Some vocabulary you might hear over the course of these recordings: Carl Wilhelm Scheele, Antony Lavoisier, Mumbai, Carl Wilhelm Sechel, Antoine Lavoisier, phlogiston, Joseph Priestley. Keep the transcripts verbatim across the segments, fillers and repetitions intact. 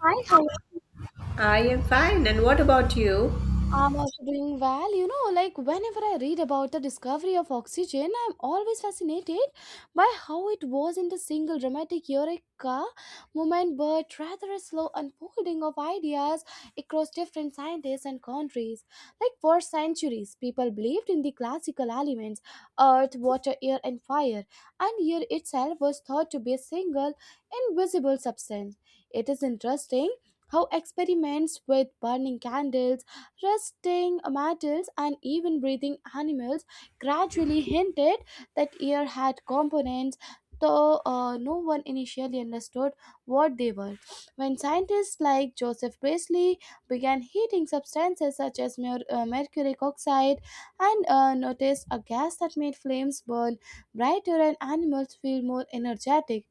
Hi, hello. I am fine, and what about you? I'm also doing well. You know, like whenever I read about the discovery of oxygen, I'm always fascinated by how it wasn't a single dramatic eureka moment, but rather a slow unfolding of ideas across different scientists and countries. Like for centuries, people believed in the classical elements earth, water, air, and fire, and air itself was thought to be a single, invisible substance. It is interesting. How experiments with burning candles, Resting mammals, and even breathing animals gradually hinted that air had components, though uh, no one initially understood what they were. When scientists like Joseph Priestley began heating substances such as mer- uh, mercury oxide and uh, noticed a gas that made flames burn brighter and animals feel more energetic,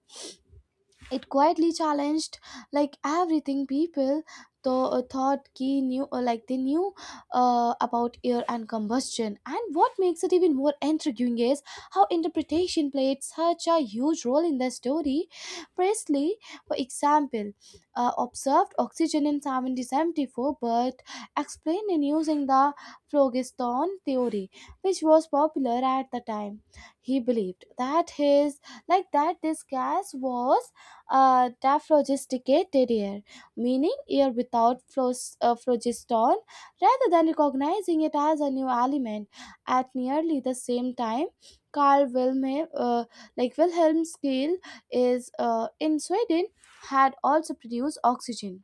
it quietly challenged like everything people th- thought key knew or like they knew uh, about air and combustion. And what makes it even more intriguing is how interpretation played such a huge role in the story. Presley, for example, uh, observed oxygen in seventeen seventy-four but explained it using the phlogiston theory, which was popular at the time. He believed that his like that this gas was uh, daphlogisticate terrier, meaning air without phlos- uh, phlogiston, rather than recognizing it as a new element. At nearly the same time, Carl Wilhelm, uh, like Wilhelm Scheele, is uh, in Sweden, had also produced oxygen.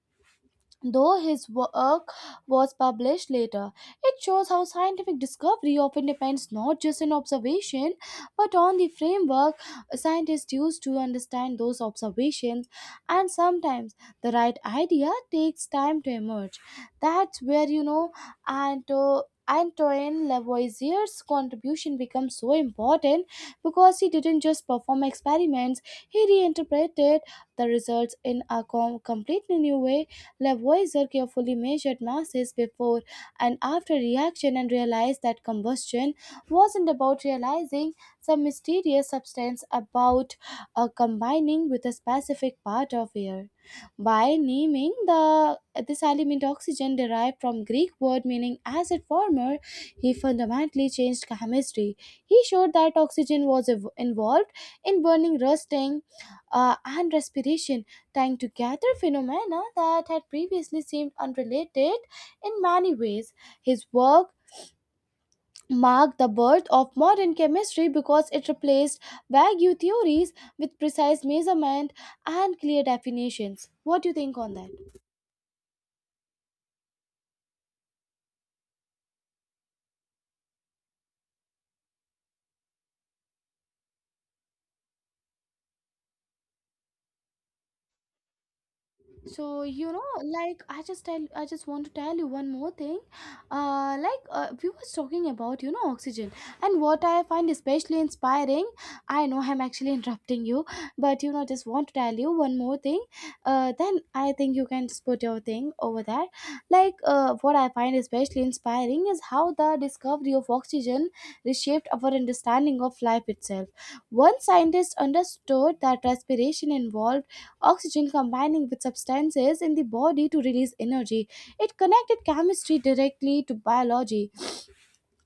Though his work was published later, it shows how scientific discovery often depends not just on observation but on the framework scientists use to understand those observations, and sometimes the right idea takes time to emerge. That's where you know Anto. Antoine Lavoisier's contribution becomes so important, because he didn't just perform experiments, he reinterpreted the results in a com- completely new way. Lavoisier carefully measured masses before and after reaction and realized that combustion wasn't about realizing some mysterious substance, about uh, combining with a specific part of air. By naming the this element oxygen, derived from Greek word meaning acid former, he fundamentally changed chemistry. He showed that oxygen was ev- involved in burning, rusting, uh, and respiration, tying together phenomena that had previously seemed unrelated in many ways. His work marked the birth of modern chemistry because it replaced vague theories with precise measurement and clear definitions. What do you think on that? So you know like i just tell I just want to tell you one more thing. Uh like uh, we was talking about you know oxygen, and what I find especially inspiring, I know I'm actually interrupting you, but you know just want to tell you one more thing. Uh then I think you can just put your thing over there. Like uh, what I find especially inspiring is how the discovery of oxygen reshaped our understanding of life itself. One scientist understood that respiration involved oxygen combining with substances in the body to release energy. It connected chemistry directly to biology.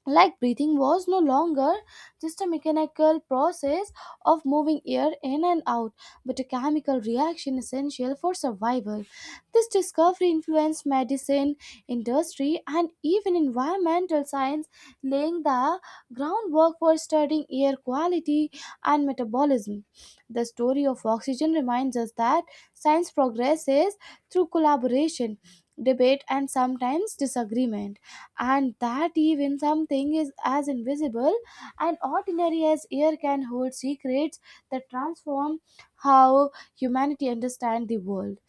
Like breathing was no longer just a mechanical process of moving air in and out, but a chemical reaction essential for survival. This discovery influenced medicine, industry, and even environmental science, laying the groundwork for studying air quality and metabolism. The story of oxygen reminds us that science progresses through collaboration, debate, and sometimes disagreement, and that even something is as invisible and ordinary as air can hold secrets that transform how humanity understand the world.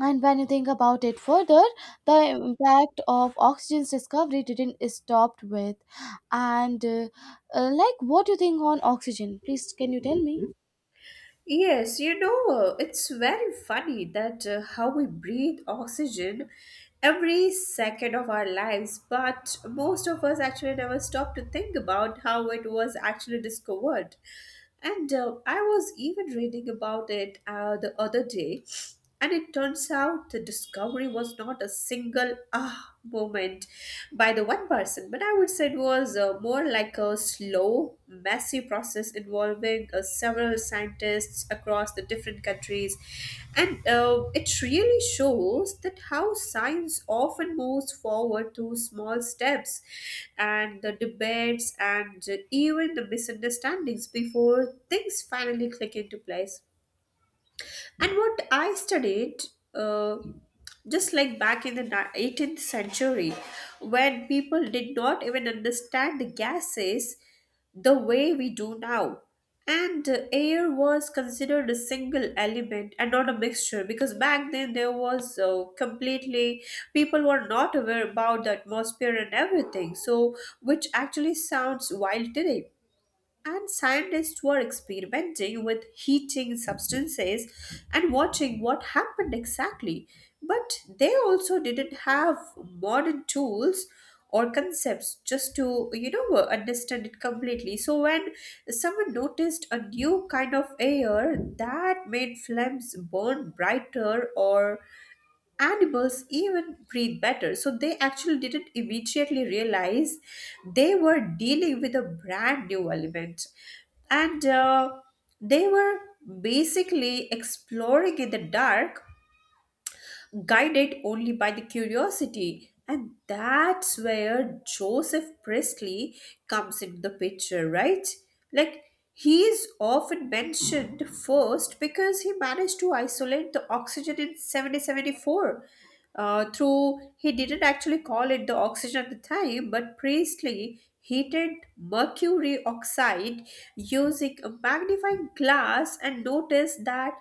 And when you think about it further, the impact of oxygen's discovery didn't stop with. And uh, uh, like, what do you think on oxygen, please? Can you tell me? Yes, you know, it's very funny that uh, how we breathe oxygen every second of our lives, but most of us actually never stop to think about how it was actually discovered. And uh, I was even reading about it uh, the other day. And it turns out the discovery was not a single ah moment by the one person, but I would say it was uh, more like a slow, messy process involving uh, several scientists across the different countries. And uh, it really shows that how science often moves forward through small steps and the debates and even the misunderstandings before things finally click into place. And what I studied, uh, just like back in the ni- eighteenth century, when people did not even understand the gases the way we do now. And uh, air was considered a single element and not a mixture because back then there was uh, completely, people were not aware about the atmosphere and everything. So, which actually sounds wild today, and scientists were experimenting with heating substances and watching what happened exactly. But they also didn't have modern tools or concepts just to, you know, uh, understand it completely. So when someone noticed a new kind of air that made flames burn brighter or animals even breathe better. So they actually didn't immediately realize they were dealing with a brand new element. And uh, they were basically exploring in the dark, guided only by the curiosity. And that's where Joseph Priestley comes into the picture, right? Like, he is often mentioned first because he managed to isolate the oxygen in seventeen seventy-four, uh, through he didn't actually call it the oxygen at the time, but Priestley heated mercury oxide using a magnifying glass and noticed that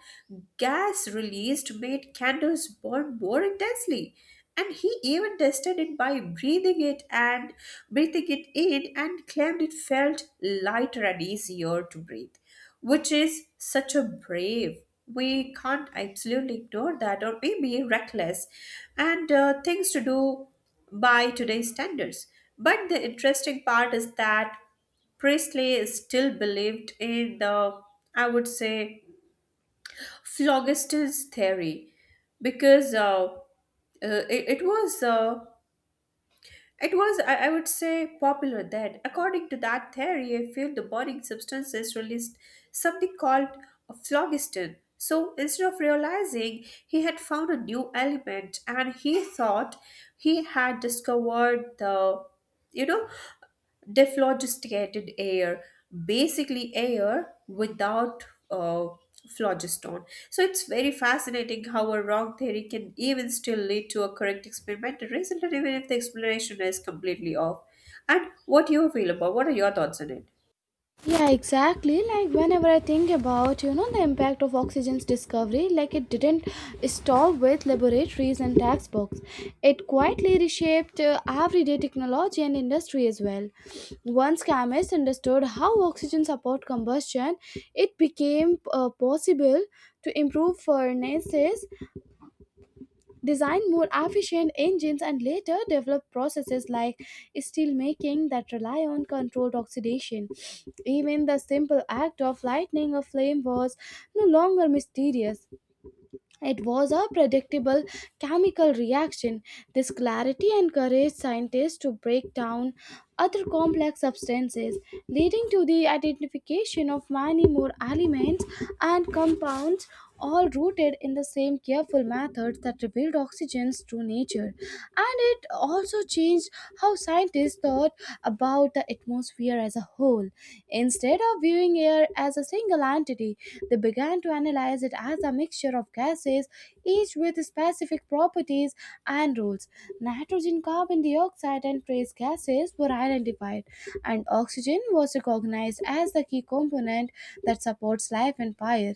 gas released made candles burn more intensely, and he even tested it by breathing it and breathing it in and claimed it felt lighter and easier to breathe, which is such a brave. We can't absolutely ignore that, or maybe reckless and uh, things to do by today's standards. But the interesting part is that Priestley is still believed in the, I would say, phlogiston's theory because uh, uh, it, it was uh, it was, I I would say, popular then. According to that theory, a few the burning substances released something called phlogiston. So instead of realizing he had found a new element, and he thought he had discovered the, you know, Dephlogisticated air, basically air without uh, phlogiston. So it's very fascinating how a wrong theory can even still lead to a correct experimental result, and even if the explanation is completely off. And what do you feel about? What are your thoughts on it? Yeah, exactly. Like whenever I think about, you know, the impact of oxygen's discovery, like it didn't stop with laboratories and textbooks. It quietly reshaped uh, everyday technology and industry as well. Once chemists understood how oxygen support combustion, it became uh, possible to improve furnaces, design more efficient engines, and later develop processes like steelmaking that rely on controlled oxidation. Even the simple act of lighting a flame was no longer mysterious. It was a predictable chemical reaction. This clarity encouraged scientists to break down other complex substances, leading to the identification of many more elements and compounds, all rooted in the same careful methods that revealed oxygen's true nature. And it also changed how scientists thought about the atmosphere as a whole. Instead of viewing air as a single entity, they began to analyze it as a mixture of gases, each with specific properties and rules. Nitrogen, carbon dioxide, and trace gases were identified, and oxygen was recognized as the key component that supports life and fire.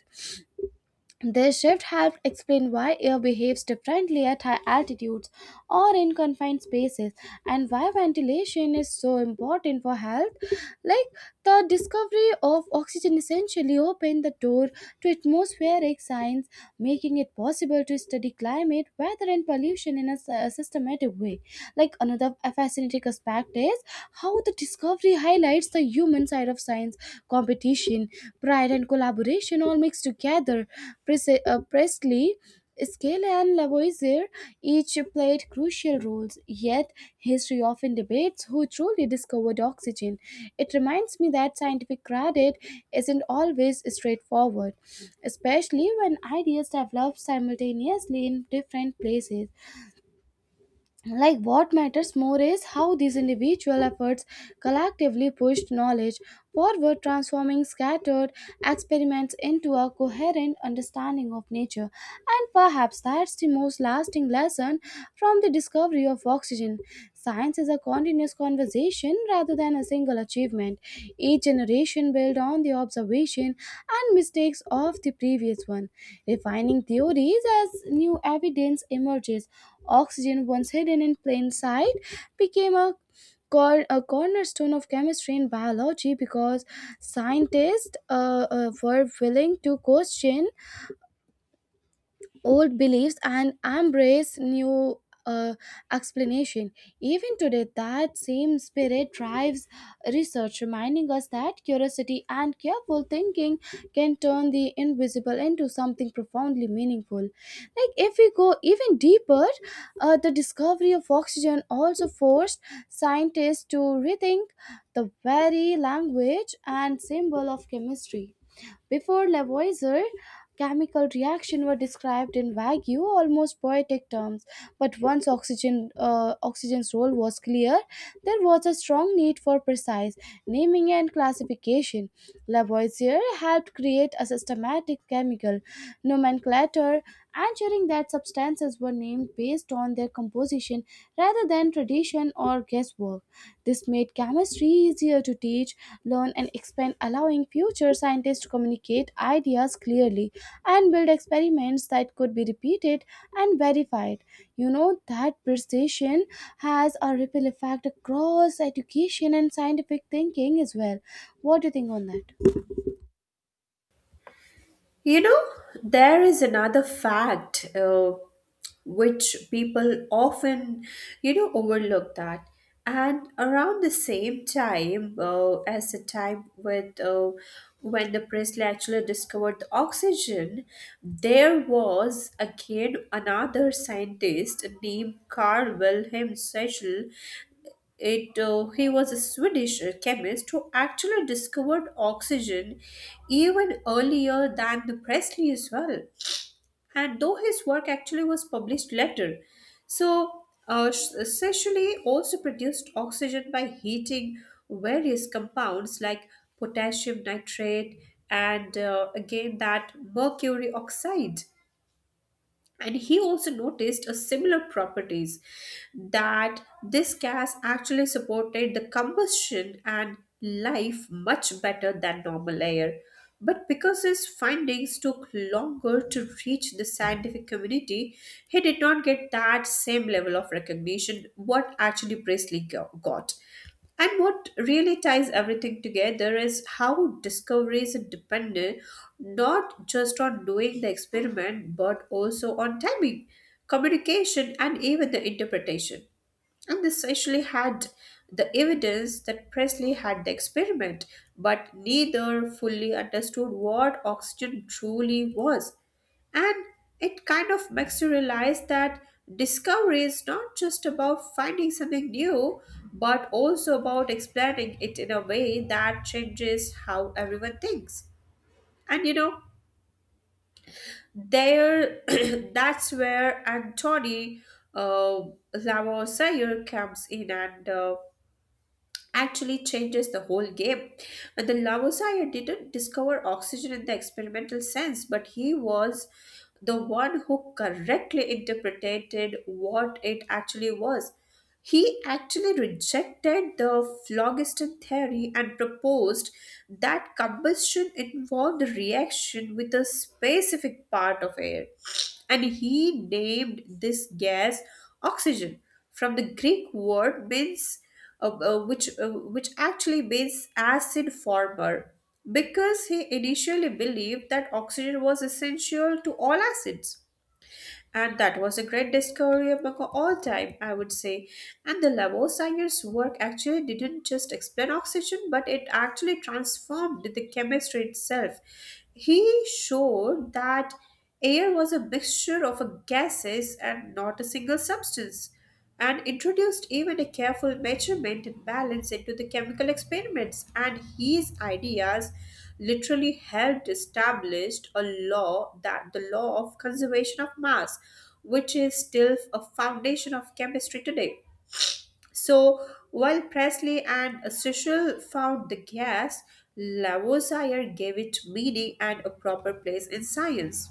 This shift helped explain why air behaves differently at high altitudes or in confined spaces and why ventilation is so important for health. Like the discovery of oxygen essentially opened the door to atmospheric science, making it possible to study climate, weather, and pollution in a s- a systematic way. Like another fascinating aspect is how the discovery highlights the human side of science: competition, pride, and collaboration all mixed together. Prese- uh, Presley, Scale, and Lavoisier each played crucial roles, yet history often debates who truly discovered oxygen. It reminds me that scientific credit isn't always straightforward, especially when ideas develop simultaneously in different places. Like what matters more is how these individual efforts collectively pushed knowledge forward, transforming scattered experiments into a coherent understanding of nature. And perhaps that's the most lasting lesson from the discovery of oxygen: science is a continuous conversation rather than a single achievement. Each generation built on the observation and mistakes of the previous one, refining theories as new evidence emerges. Oxygen, once hidden in plain sight, became a cor- a cornerstone of chemistry and biology, because scientists uh, uh, were willing to question old beliefs and embrace new uh, explanation. Even today, that same spirit drives research, reminding us that curiosity and careful thinking can turn the invisible into something profoundly meaningful. Like if we go even deeper, uh, the discovery of oxygen also forced scientists to rethink the very language and symbol of chemistry. Before Lavoisier, chemical reactions were described in vague, almost poetic terms. But once oxygen, uh, oxygen's role was clear, there was a strong need for precise naming and classification. Lavoisier helped create a systematic chemical nomenclature, ensuring that substances were named based on their composition composition rather than tradition or guesswork. This made chemistry easier to teach, learn, and expand, allowing future scientists to communicate ideas clearly and build experiments that could be repeated and verified. You know that precision has a ripple effect across education and scientific thinking as well. What do you think on that? You know, there is another fact. Uh, which people often you know overlook that, and around the same time uh, as the time with uh, when the Presley actually discovered the oxygen, there was again another scientist named Carl Wilhelm Sechel. It uh, He was a Swedish chemist who actually discovered oxygen even earlier than the Presley as well, and though his work actually was published later. So, uh, Sh- also produced oxygen by heating various compounds like potassium nitrate and uh, again that mercury oxide, and he also noticed a similar properties that this gas actually supported the combustion and life much better than normal air, but because his findings took longer to reach the scientific community, he did not get that same level of recognition what actually presley go- got. And what really ties everything together is how discoveries are dependent not just on doing the experiment but also on timing, communication, and even the interpretation. And this actually had the evidence that Presley had the experiment, but neither fully understood what oxygen truly was. And it kind of makes you realize that discovery is not just about finding something new, but also about explaining it in a way that changes how everyone thinks. And you know, there that's where Antony uh, Lavoisier comes in and uh, actually changes the whole game. And the Lavoisier didn't discover oxygen in the experimental sense, but he was the one who correctly interpreted what it actually was. He actually rejected the phlogiston theory and proposed that combustion involved a reaction with a specific part of air. And he named this gas oxygen from the Greek word means uh, uh, which uh, which actually makes acid former because he initially believed that oxygen was essential to all acids, and that was a great discovery among all time, I would say. And the lavoisier's work actually didn't just explain oxygen, but it actually transformed the chemistry itself. He showed that air was a mixture of gases and not a single substance, and introduced even a careful measurement and balance into the chemical experiments, and his ideas literally helped establish a law, that the law of conservation of mass, which is still a foundation of chemistry today. So while presley and Sichel found the gas, lavoisier gave it meaning and a proper place in science.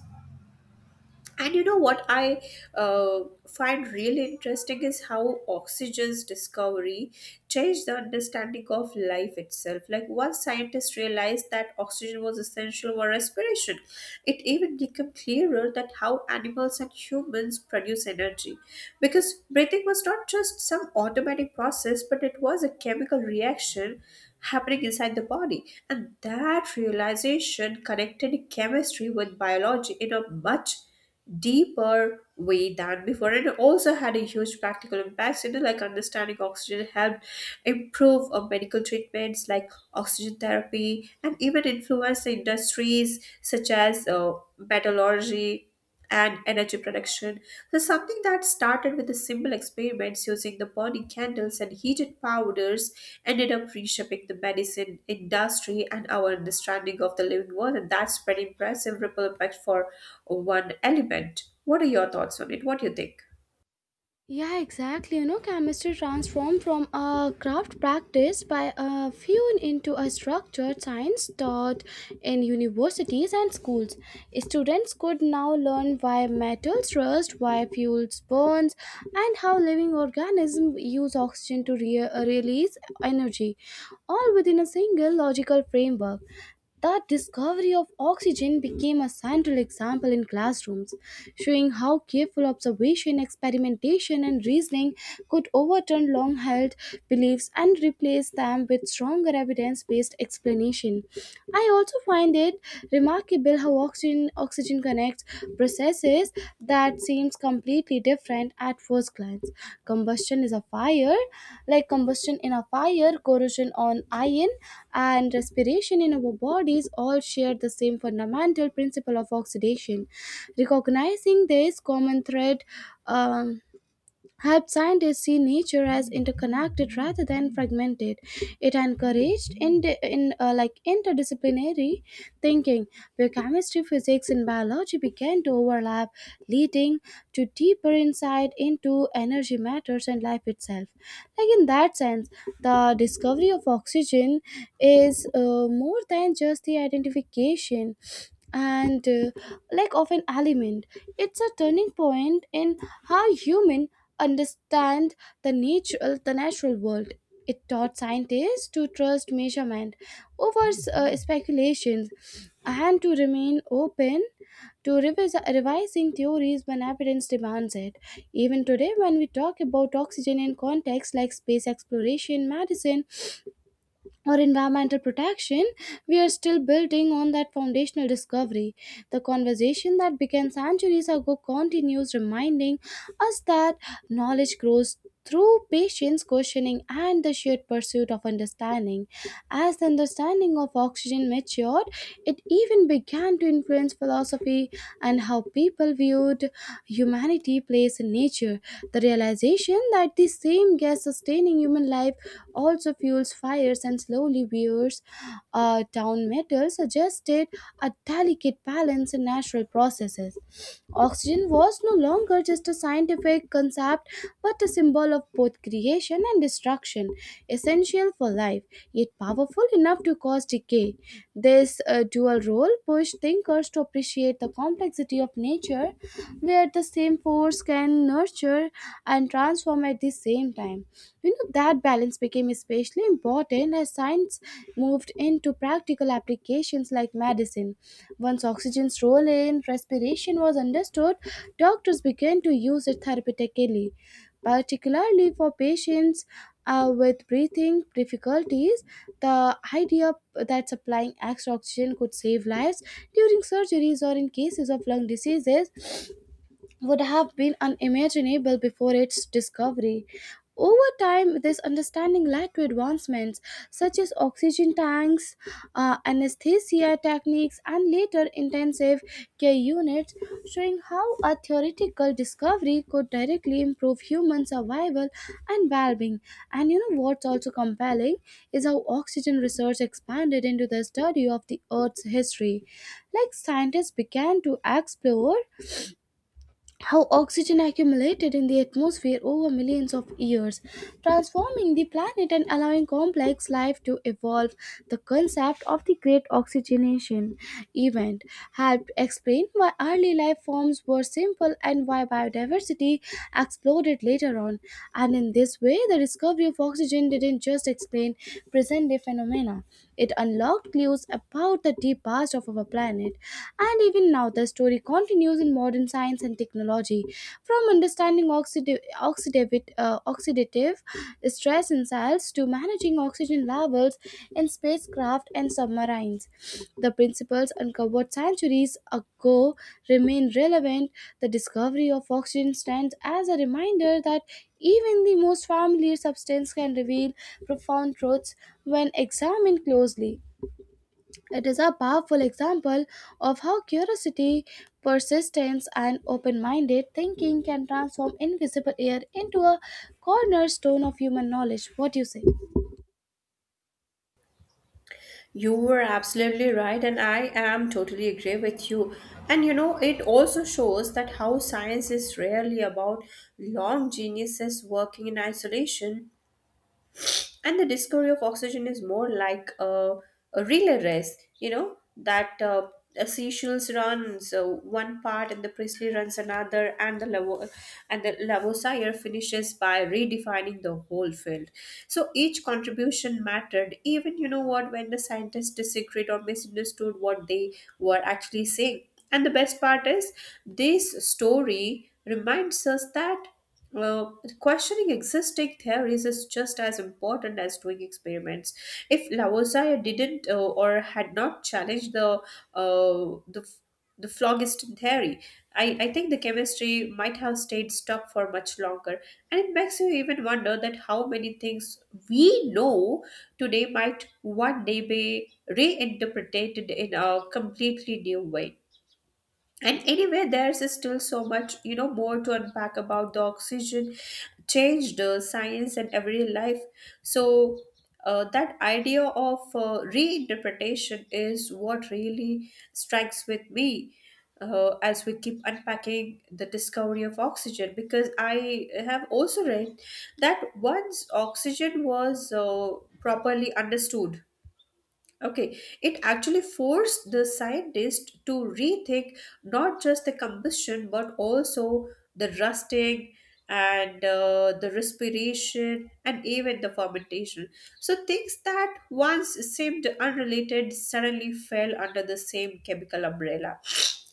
And you know what I uh, find really interesting is how oxygen's discovery changed the understanding of life itself. Like, once scientists realized that oxygen was essential for respiration, it even became clearer that how animals and humans produce energy. Because breathing was not just some automatic process, but it was a chemical reaction happening inside the body. And that realization connected chemistry with biology in a much deeper way than before, and it also had a huge practical impacts, you know, like understanding oxygen helped improve uh, medical treatments like oxygen therapy and even influenced industries such as uh, metallurgy and energy production. So something that started with the simple experiments using the burning candles and heated powders ended up reshaping the medicine industry and our understanding of the living world, and that's pretty impressive ripple effect for one element. What are your thoughts on it? What do you think? Yeah, exactly. You know, chemistry transformed from a craft practice by a few into a structured science taught in universities and schools. Students could now learn why metals rust, why fuels burns, and how living organisms use oxygen to re- release energy, all within a single logical framework. The discovery of oxygen became a central example in classrooms, showing how careful observation, experimentation, and reasoning could overturn long held beliefs and replace them with stronger evidence based explanation. I also find it remarkable how oxygen, oxygen connects connects processes that seems completely different at first glance. Combustion is a fire, like combustion in a fire, corrosion on iron, and respiration in our bodies all share the same fundamental principle of oxidation. Recognizing this common thread, um, Helped scientists see nature as interconnected rather than fragmented. It encouraged in, in uh, like interdisciplinary thinking, where chemistry, physics, and biology began to overlap, leading to deeper insight into energy matters and life itself. Like in that sense, the discovery of oxygen is uh, more than just the identification and uh, like of an element. It's a turning point in how human understand the natural the natural world. It taught scientists to trust measurement over uh, speculations and to remain open to revis- revising theories when evidence demands it. Even today, when we talk about oxygen in contexts like space exploration, medicine, or environmental protection, we are still building on that foundational discovery. The conversation that began centuries ago continues, reminding us that knowledge grows through patience, questioning, and the shared pursuit of understanding. As the understanding of oxygen matured, it even began to influence philosophy and how people viewed humanity, place, and nature. The realization that the same gas sustaining human life also fuels fires and slowly wears uh, down metal, suggested a delicate balance in natural processes. Oxygen was no longer just a scientific concept but a symbol of both creation and destruction, essential for life, yet powerful enough to cause decay. This uh, dual role pushed thinkers to appreciate the complexity of nature, where the same force sports can nurture and transform at the same time. You know, that balance became especially important as science moved into practical applications like medicine. Once oxygen's role in respiration was understood, doctors began to use it therapeutically, particularly for patients uh, with breathing difficulties. The idea that supplying extra oxygen could save lives during surgeries or in cases of lung diseases would have been unimaginable before its discovery. Over time, this understanding led to advancements such as oxygen tanks, uh, anesthesia techniques, and later intensive care units, showing how a theoretical discovery could directly improve human survival and well being. And you know what's also compelling is how oxygen research expanded into the study of the Earth's history. Like scientists began to explore how oxygen accumulated in the atmosphere over millions of years, transforming the planet and allowing complex life to evolve. The concept of the Great Oxygenation event helped explain why early life forms were simple and why biodiversity exploded later on. And in this way, the discovery of oxygen didn't just explain present day phenomena, it unlocked clues about the deep past of our planet, and even now the story continues in modern science and technology. From understanding oxidative, oxidative, uh, oxidative stress in cells to managing oxygen levels in spacecraft and submarines, the principles uncovered centuries ago remain relevant. The discovery of oxygen stands as a reminder that even the most familiar substance can reveal profound truths when examined closely. It is a powerful example of how curiosity, persistence, and open minded thinking can transform invisible air into a cornerstone of human knowledge. What do you say? You were absolutely right, and I am totally agree with you. And you know, it also shows that how science is rarely about long geniuses working in isolation, and the discovery of oxygen is more like a, a relay race, you know, that uh, a seashells runs uh, one part, and the Priestley runs another, and the Lavo- and the Lavoisier finishes by redefining the whole field. So each contribution mattered, even you know what, when the scientists disagreed or misunderstood what they were actually saying. And the best part is this story reminds us that uh, questioning existing theories is just as important as doing experiments. If Lavoisier didn't uh, or had not challenged the uh, the the phlogiston theory, I, I think the chemistry might have stayed stuck for much longer. And it makes you even wonder that how many things we know today might one day be reinterpreted in a completely new way. And anyway, there's still so much, you know, more to unpack about the oxygen changed uh, science and everyday life. So uh, that idea of uh, reinterpretation is what really strikes with me uh, as we keep unpacking the discovery of oxygen. Because I have also read that once oxygen was uh, properly understood, Okay, it actually forced the scientists to rethink not just the combustion but also the rusting and uh, the respiration and even the fermentation. So, things that once seemed unrelated suddenly fell under the same chemical umbrella.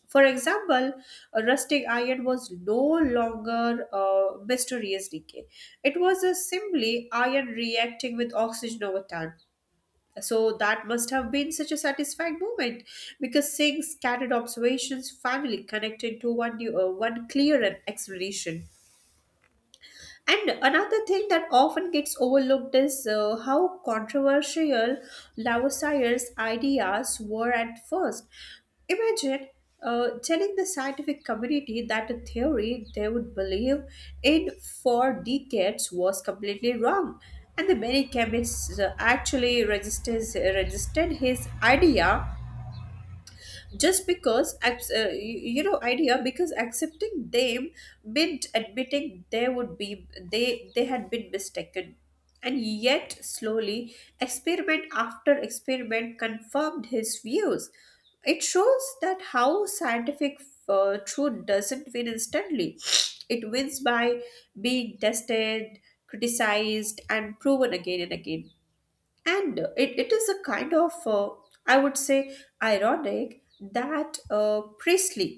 For example, a rusting iron was no longer a mysterious decay. It was a simply iron reacting with oxygen over time, so that must have been such a satisfying moment, because seeing scattered observations finally connected to one, new, uh, one clear explanation. And another thing that often gets overlooked is uh, how controversial Lavoisier's ideas were at first. Imagine uh, telling the scientific community that a theory they would believe in for decades was completely wrong. And the many chemists uh, actually resisted, resisted his idea, just because abs- uh, you you know idea because accepting them meant admitting they would be they they had been mistaken. And yet slowly, experiment after experiment confirmed his views. It shows that how scientific uh, truth doesn't win instantly. It wins by being tested, criticized, and proven again and again. And it, it is a kind of uh, I would say ironic that uh, priestley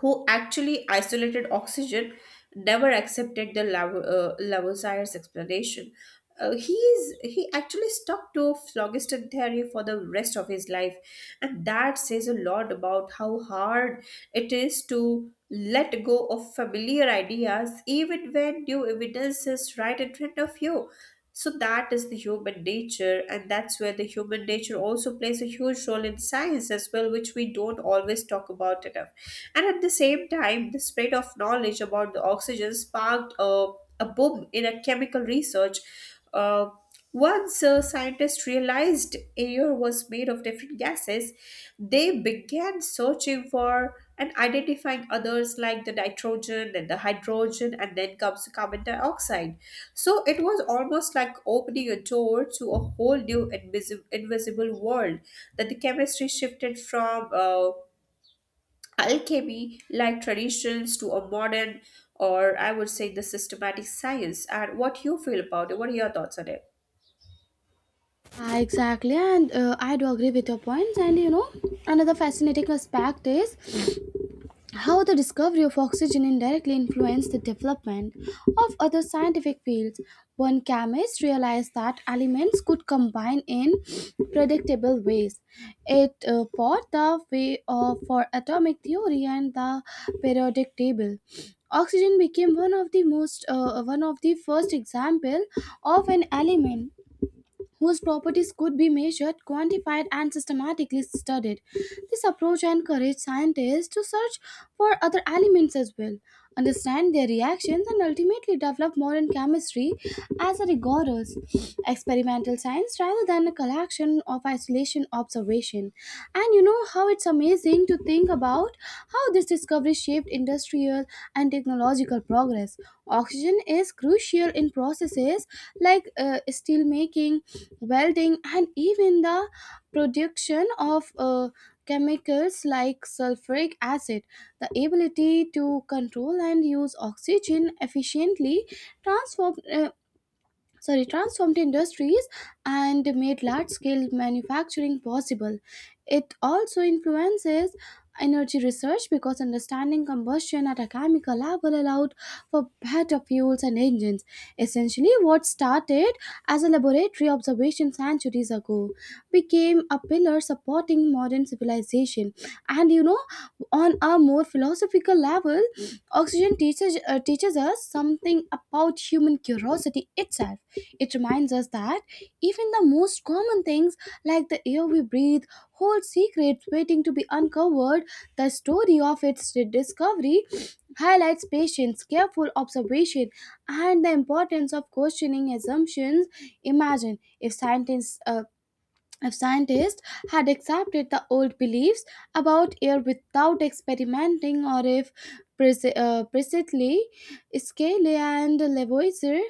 who actually isolated oxygen never accepted the Lav- uh, lavoisier's explanation. Uh, he is he actually stuck to phlogiston theory for the rest of his life. And that says a lot about how hard it is to let go of familiar ideas even when new evidence is right in front of you. So that is the human nature, and that's where the human nature also plays a huge role in science as well, which we don't always talk about enough. And at the same time, the spread of knowledge about the oxygen sparked a, a boom in a chemical research. Uh, Once uh, scientists realized air was made of different gases, they began searching for and identifying others like the nitrogen and the hydrogen, and then comes the carbon dioxide. So it was almost like opening a door to a whole new invisible, invisible world, that the chemistry shifted from uh, alchemy like traditions to a modern, or I would say the systematic science. And what you feel about it? What are your thoughts on it? Ah, exactly, and uh, I do agree with your points. And you know, another fascinating aspect is how the discovery of oxygen indirectly influenced the development of other scientific fields. One chemist realized that elements could combine in predictable ways. It uh, paved the way of, for atomic theory and the periodic table. Oxygen became one of the most uh, one of the first example of an element whose properties could be measured, quantified, and systematically studied. This approach encouraged scientists to search for other elements as well, understand their reactions, and ultimately develop modern chemistry as a rigorous experimental science rather than a collection of isolation observation. And you know how it's amazing to think about how this discovery shaped industrial and technological progress. Oxygen is crucial in processes like uh, steel making, welding, and even the production of uh, chemicals like sulfuric acid. The ability to control and use oxygen efficiently transform, uh, sorry transformed industries and made large scale manufacturing possible. It also influences energy research, because understanding combustion at a chemical level allowed for better fuels and engines. Essentially, what started as a laboratory observation centuries ago became a pillar supporting modern civilization. And you know, on a more philosophical level, oxygen teaches uh, teaches us something about human curiosity itself. It reminds us that even the most common things, like the air we breathe, hold secrets waiting to be uncovered. The story of its discovery highlights patience, careful observation, and the importance of questioning assumptions. Imagine if scientists uh, if scientists had accepted the old beliefs about air without experimenting, or if Pres- uh, Presley, Scale, and Lavoisier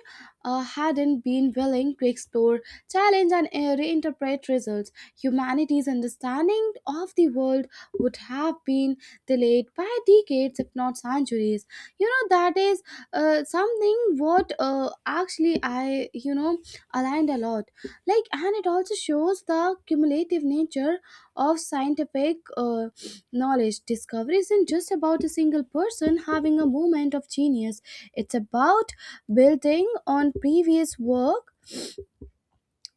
uh, hadn't been willing to explore, challenge, and uh, reinterpret results, humanity's understanding of the world would have been delayed by decades, if not centuries. You know, that is uh, something what uh, actually I, you know, aligned a lot, like, and it also shows the cumulative nature of scientific uh, knowledge. Discovery isn't just about a single person having a moment of genius. It's about building on previous work,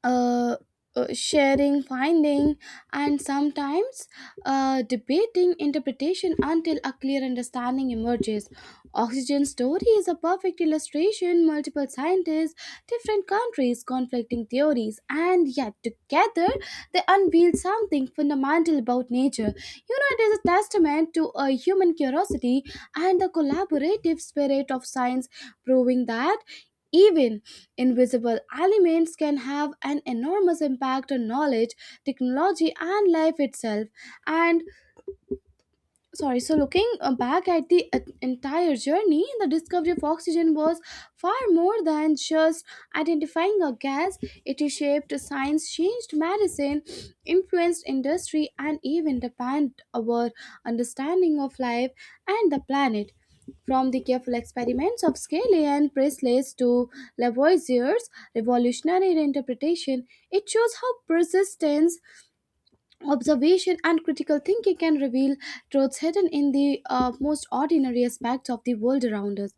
uh, uh, sharing finding, and sometimes uh, debating interpretation until a clear understanding emerges. Oxygen story is a perfect illustration: multiple scientists, different countries, conflicting theories, and yet together they unveil something fundamental about nature. You know, it is a testament to a human curiosity and the collaborative spirit of science, proving that even invisible elements can have an enormous impact on knowledge, technology, and life itself. And sorry so looking uh, back at the uh, entire journey, the discovery of oxygen was far more than just identifying a gas. It shaped science, changed medicine, influenced industry, and even defined our understanding of life and the planet. From the careful experiments of Scaly and Priestley to Lavoisier's revolutionary interpretation, it shows how persistence, observation and critical thinking can reveal truths hidden in the uh, most ordinary aspects of the world around us.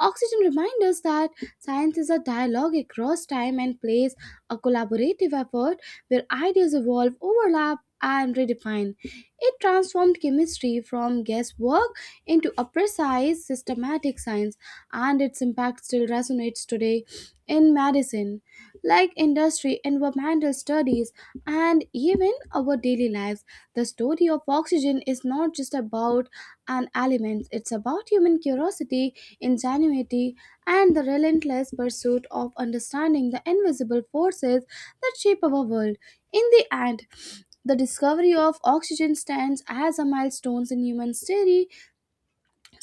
Oxygen reminds us that science is a dialogue across time and place, a collaborative effort where ideas evolve, overlap, and redefine. It transformed chemistry from guesswork into a precise, systematic science, and its impact still resonates today in medicine, like industry, environmental studies, and even our daily lives. The story of oxygen is not just about an element, it's about human curiosity, ingenuity, and the relentless pursuit of understanding the invisible forces that shape our world. In the end, the discovery of oxygen stands as a milestone in human history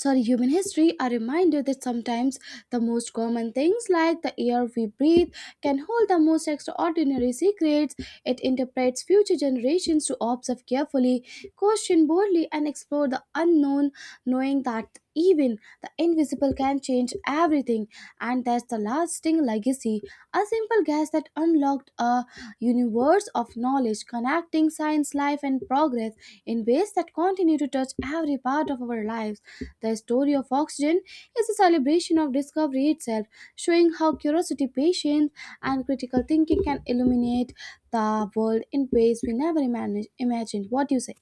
sorry human history, a reminder that sometimes the most common things, like the air we breathe, can hold the most extraordinary secrets. It interprets future generations to observe carefully, question boldly, and explore the unknown, knowing that even the invisible can change everything. And that's the lasting legacy: a simple guess that unlocked a universe of knowledge, connecting science, life and progress in ways that continue to touch every part of our lives. The story of oxygen is a celebration of discovery itself, showing how curiosity, patience, and critical thinking can illuminate the world in ways we never imagine- imagined. What do you say?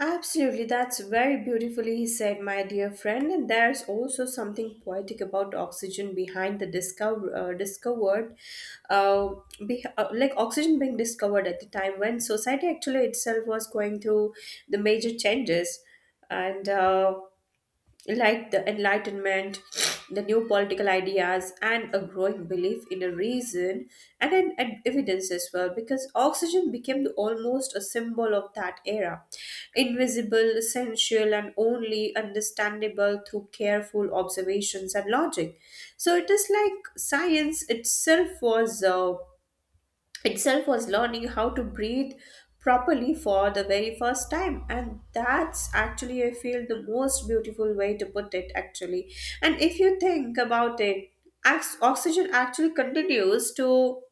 Absolutely, that's very beautifully said, my dear friend. And there's also something poetic about oxygen behind the discover, uh, discovered, uh, be, uh, like oxygen being discovered at the time when society actually itself was going through the major changes. And uh, like the Enlightenment, the new political ideas, and a growing belief in a reason and an an evidence as well, because oxygen became the- almost a symbol of that era. Invisible, essential, and only understandable through careful observations and logic. So it is like science itself was. Uh, itself was learning how to breathe properly for the very first time, and that's actually I feel the most beautiful way to put it actually. And if you think about it, ox- oxygen actually continues to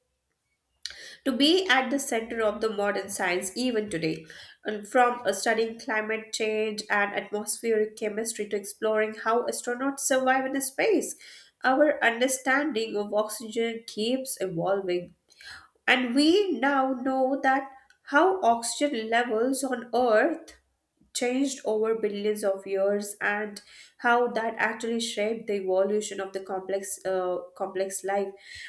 to be at the center of the modern science even today. And from uh, studying climate change and atmospheric chemistry to exploring how astronauts survive in space, our understanding of oxygen keeps evolving. And we now know that how oxygen levels on Earth changed over billions of years, and how that actually shaped the evolution of the complex uh, complex life.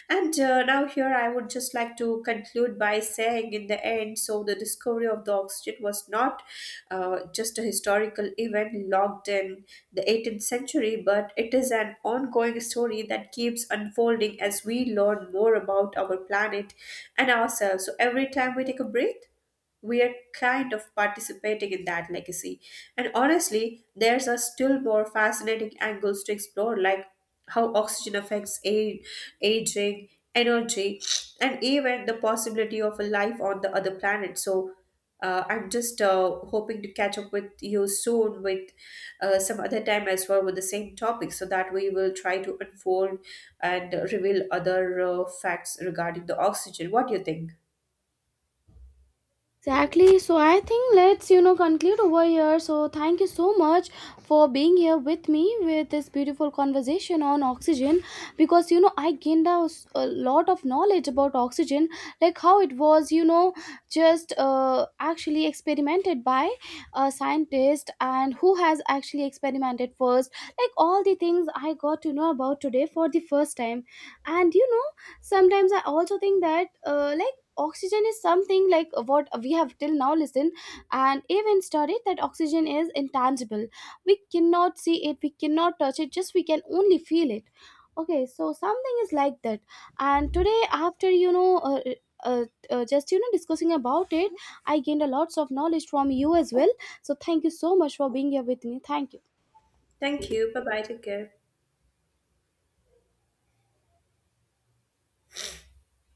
And uh, now here I would just like to conclude by saying, in the end, so the discovery of the oxygen was not uh, just a historical event logged in the eighteenth century, but it is an ongoing story that keeps unfolding as we learn more about our planet and ourselves. So every time we take a breath, we are kind of participating in that legacy. And honestly, there's a still more fascinating angles to explore, like how oxygen affects a- aging, energy, and even the possibility of a life on the other planet. So uh, I'm just uh, hoping to catch up with you soon with uh, some other time as well with the same topic, so that we will try to unfold and reveal other uh, facts regarding the oxygen. What do you think? Exactly. So I think let's, you know, conclude over here. So thank you so much for being here with me with this beautiful conversation on oxygen, because you know I gained a, s- a lot of knowledge about oxygen, like how it was, you know, just uh, actually experimented by a scientist, and who has actually experimented first. Like all the things I got to know about today for the first time, and you know, sometimes I also think that uh, like oxygen is something like uh, what we have till now listened and even studied, that oxygen is intangible. We cannot see it, we cannot touch it, just we can only feel it. Okay, so something is like that. And today, after you know, uh, uh, uh, just you know discussing about it, I gained a lots of knowledge from you as well. So thank you so much for being here with me. Thank you. Thank you. Bye bye. Take care.